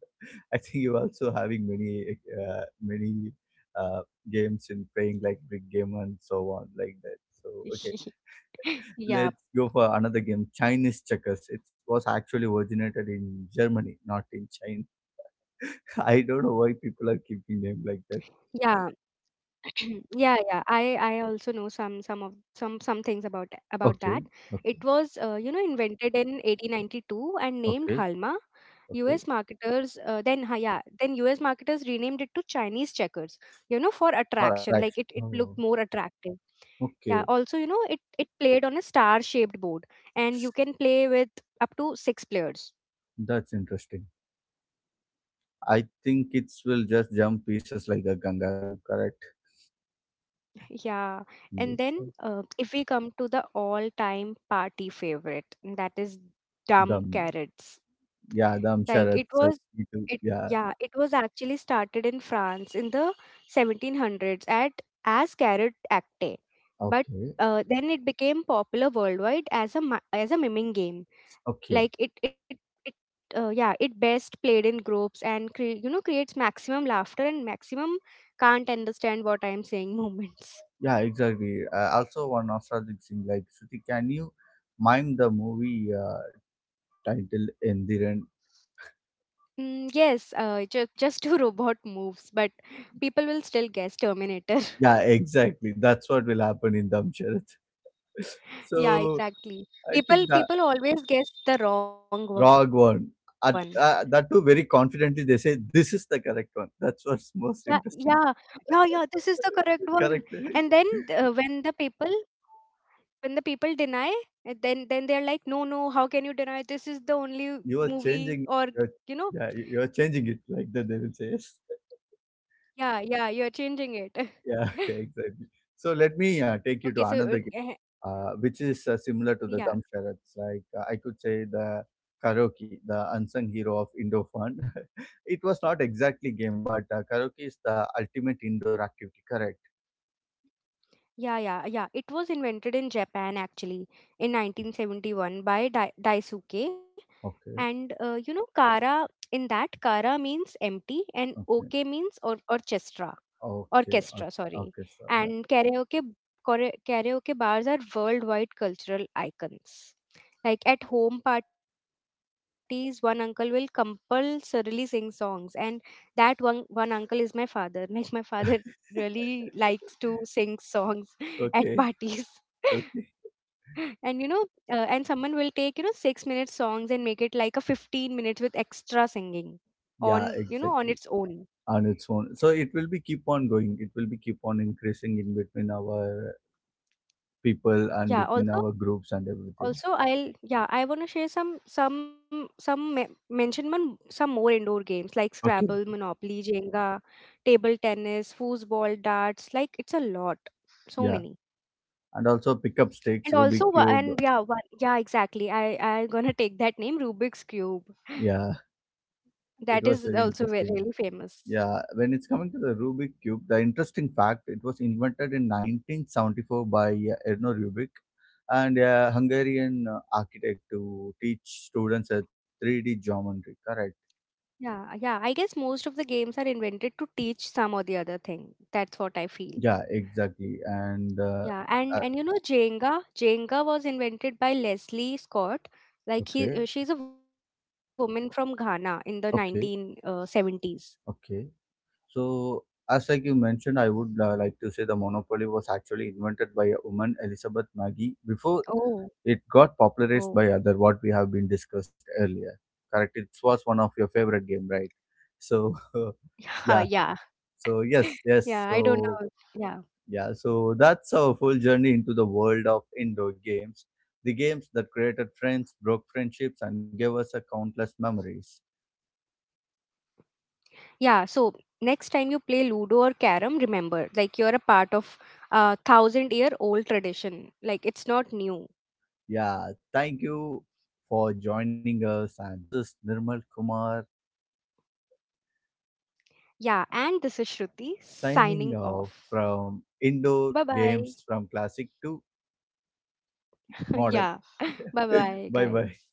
[SPEAKER 1] *laughs* I think you also having many uh, games in playing like brick game and so on like that. So okay,
[SPEAKER 2] *laughs*
[SPEAKER 1] let's
[SPEAKER 2] Yeah,
[SPEAKER 1] go for another game. Chinese checkers. It was actually originated in Germany, not in China. *laughs* I don't know why people are keeping
[SPEAKER 2] yeah.
[SPEAKER 1] them like that.
[SPEAKER 2] *clears throat* Yeah, yeah. I also know some of some things about that. It
[SPEAKER 1] Okay,
[SPEAKER 2] was,
[SPEAKER 1] okay,
[SPEAKER 2] invented in 1892 and named Halma.
[SPEAKER 1] okay,
[SPEAKER 2] U.S.
[SPEAKER 1] okay.
[SPEAKER 2] marketers uh, then ha- yeah then U.S. marketers renamed it to Chinese checkers, for attraction,
[SPEAKER 1] For
[SPEAKER 2] like it
[SPEAKER 1] attraction.
[SPEAKER 2] looked more
[SPEAKER 1] Oh,
[SPEAKER 2] attractive. Yeah.
[SPEAKER 1] okay.
[SPEAKER 2] Also, it played on a star shaped board, and you can play with up to 6 players.
[SPEAKER 1] That's interesting. I think kids will just jump pieces like a kangaroo, correct?
[SPEAKER 2] Yeah, and
[SPEAKER 1] Yes.
[SPEAKER 2] then if we come to the all-time party favorite, and that is dumb
[SPEAKER 1] Dam,
[SPEAKER 2] carrots.
[SPEAKER 1] yeah, dam
[SPEAKER 2] Like
[SPEAKER 1] charat.
[SPEAKER 2] it
[SPEAKER 1] So
[SPEAKER 2] was,
[SPEAKER 1] yeah,
[SPEAKER 2] it was actually started in France in the 1700s at as carrot acte, but
[SPEAKER 1] okay,
[SPEAKER 2] then it became popular worldwide as as a miming game.
[SPEAKER 1] okay,
[SPEAKER 2] Like it it it best played in groups and creates maximum laughter and maximum can't understand what I'm saying *laughs* moments.
[SPEAKER 1] yeah, exactly. Also, one nostalgic thing like Shruti, can you mime the movie title Endiran?
[SPEAKER 2] Yes, just two *laughs* robot moves, but people will still guess Terminator. *laughs*
[SPEAKER 1] Yeah, exactly. That's what will happen in Dam Charat. *laughs*
[SPEAKER 2] Yeah,
[SPEAKER 1] So
[SPEAKER 2] exactly.
[SPEAKER 1] I
[SPEAKER 2] People
[SPEAKER 1] think that
[SPEAKER 2] people always guess the wrong one.
[SPEAKER 1] wrong one. At, that too, very confidently, they say this is the
[SPEAKER 2] Yeah,
[SPEAKER 1] correct one.
[SPEAKER 2] yeah,
[SPEAKER 1] That's what's *laughs* most
[SPEAKER 2] yeah. This is the
[SPEAKER 1] interesting.
[SPEAKER 2] correct one. And then when
[SPEAKER 1] Correct. *laughs*
[SPEAKER 2] the people deny, then they are like, no, no. How can you deny? This is the only movie, or
[SPEAKER 1] You are
[SPEAKER 2] you know,
[SPEAKER 1] changing. You're, yeah, you are changing it like that. They will say yes.
[SPEAKER 2] yeah,
[SPEAKER 1] *laughs*
[SPEAKER 2] yeah. you're changing it. *laughs*
[SPEAKER 1] Yeah, *laughs* exactly. So let
[SPEAKER 2] okay,
[SPEAKER 1] me
[SPEAKER 2] so uh,
[SPEAKER 1] take you to
[SPEAKER 2] eh,
[SPEAKER 1] another game, which is
[SPEAKER 2] yeah.
[SPEAKER 1] similar to the thumb. Like I could say the karaoke, the unsung hero of Indo fun. *laughs* It was not exactly game, but karaoke is the ultimate indoor activity. Correct.
[SPEAKER 2] Yeah, yeah, yeah. It was invented in Japan actually in 1971 by Daisuke,
[SPEAKER 1] Okay.
[SPEAKER 2] and kara, in that kara means empty and
[SPEAKER 1] Okay.
[SPEAKER 2] okay means or orchestra,
[SPEAKER 1] Okay. Okay.
[SPEAKER 2] sorry.
[SPEAKER 1] Okay. So yeah. *laughs*
[SPEAKER 2] And karaoke bars are worldwide cultural icons. Like at home parties one uncle will compulsorily sing songs, and that one uncle is my father. *laughs* Like my father really likes to sing songs *laughs* at parties.
[SPEAKER 1] Okay.
[SPEAKER 2] *laughs*
[SPEAKER 1] Okay.
[SPEAKER 2] And and someone will take, 6-minute songs and make it like a 15 minutes with extra singing on,
[SPEAKER 1] Yeah.
[SPEAKER 2] on its
[SPEAKER 1] Exactly.
[SPEAKER 2] own.
[SPEAKER 1] On its own. So it will be keep on going. It will be keep on increasing in between our people and
[SPEAKER 2] Yeah,
[SPEAKER 1] between our
[SPEAKER 2] also,
[SPEAKER 1] groups and everything.
[SPEAKER 2] I want to share, mention, one some more indoor games like
[SPEAKER 1] Okay.
[SPEAKER 2] Scrabble,
[SPEAKER 1] Okay.
[SPEAKER 2] Monopoly, Jenga, table tennis, foosball, darts. Like it's a lot, so
[SPEAKER 1] Yeah.
[SPEAKER 2] many.
[SPEAKER 1] And also pick up sticks,
[SPEAKER 2] And
[SPEAKER 1] Rubik
[SPEAKER 2] also, wha-
[SPEAKER 1] Cube.
[SPEAKER 2] and yeah one, yeah exactly I I'm gonna *laughs* take that name, Rubik's Cube.
[SPEAKER 1] Yeah. It
[SPEAKER 2] That
[SPEAKER 1] was
[SPEAKER 2] is
[SPEAKER 1] very
[SPEAKER 2] also very,
[SPEAKER 1] interesting.
[SPEAKER 2] really famous.
[SPEAKER 1] Yeah. When it's coming to the Rubik Cube, the interesting fact, it was invented in 1974 by Erno Rubik and a Hungarian architect to teach students a 3D geometry. Correct.
[SPEAKER 2] Yeah, yeah. I guess most of the games are invented to teach some or the other thing. That's what I feel.
[SPEAKER 1] Yeah, exactly. And
[SPEAKER 2] Yeah, and
[SPEAKER 1] uh,
[SPEAKER 2] and you know Jenga, Jenga was invented by Leslie Scott. Like
[SPEAKER 1] okay.
[SPEAKER 2] she's a woman from Ghana in the
[SPEAKER 1] Okay.
[SPEAKER 2] 1970s.
[SPEAKER 1] Okay. So, as like you mentioned, I would like to say the Monopoly was actually invented by a woman, Elizabeth Maggie, before it
[SPEAKER 2] Oh,
[SPEAKER 1] got popularized by other
[SPEAKER 2] oh.
[SPEAKER 1] what we have been discussed earlier. Correct. It was one of your favorite game, right? So, *laughs* yeah.
[SPEAKER 2] *laughs* Yeah, yeah.
[SPEAKER 1] So yes, yes.
[SPEAKER 2] Yeah, I
[SPEAKER 1] So
[SPEAKER 2] don't know. Yeah.
[SPEAKER 1] yeah. So that's our full journey into the world of indoor games, the games that created friends, broke friendships, and gave us a countless memories.
[SPEAKER 2] Yeah, so next time you play Ludo or Carom, remember, like you're a part of a 1,000 year old tradition. Like it's not new.
[SPEAKER 1] Yeah, thank you for joining us. And this is Nirmal Kumar
[SPEAKER 2] Yeah, and this is Shruti signing
[SPEAKER 1] signing off
[SPEAKER 2] off.
[SPEAKER 1] from
[SPEAKER 2] Bye
[SPEAKER 1] indoor
[SPEAKER 2] bye.
[SPEAKER 1] games from classic to
[SPEAKER 2] *laughs*
[SPEAKER 1] modern.
[SPEAKER 2] Yeah, bye
[SPEAKER 1] *laughs*
[SPEAKER 2] bye,
[SPEAKER 1] Bye bye.
[SPEAKER 2] guys.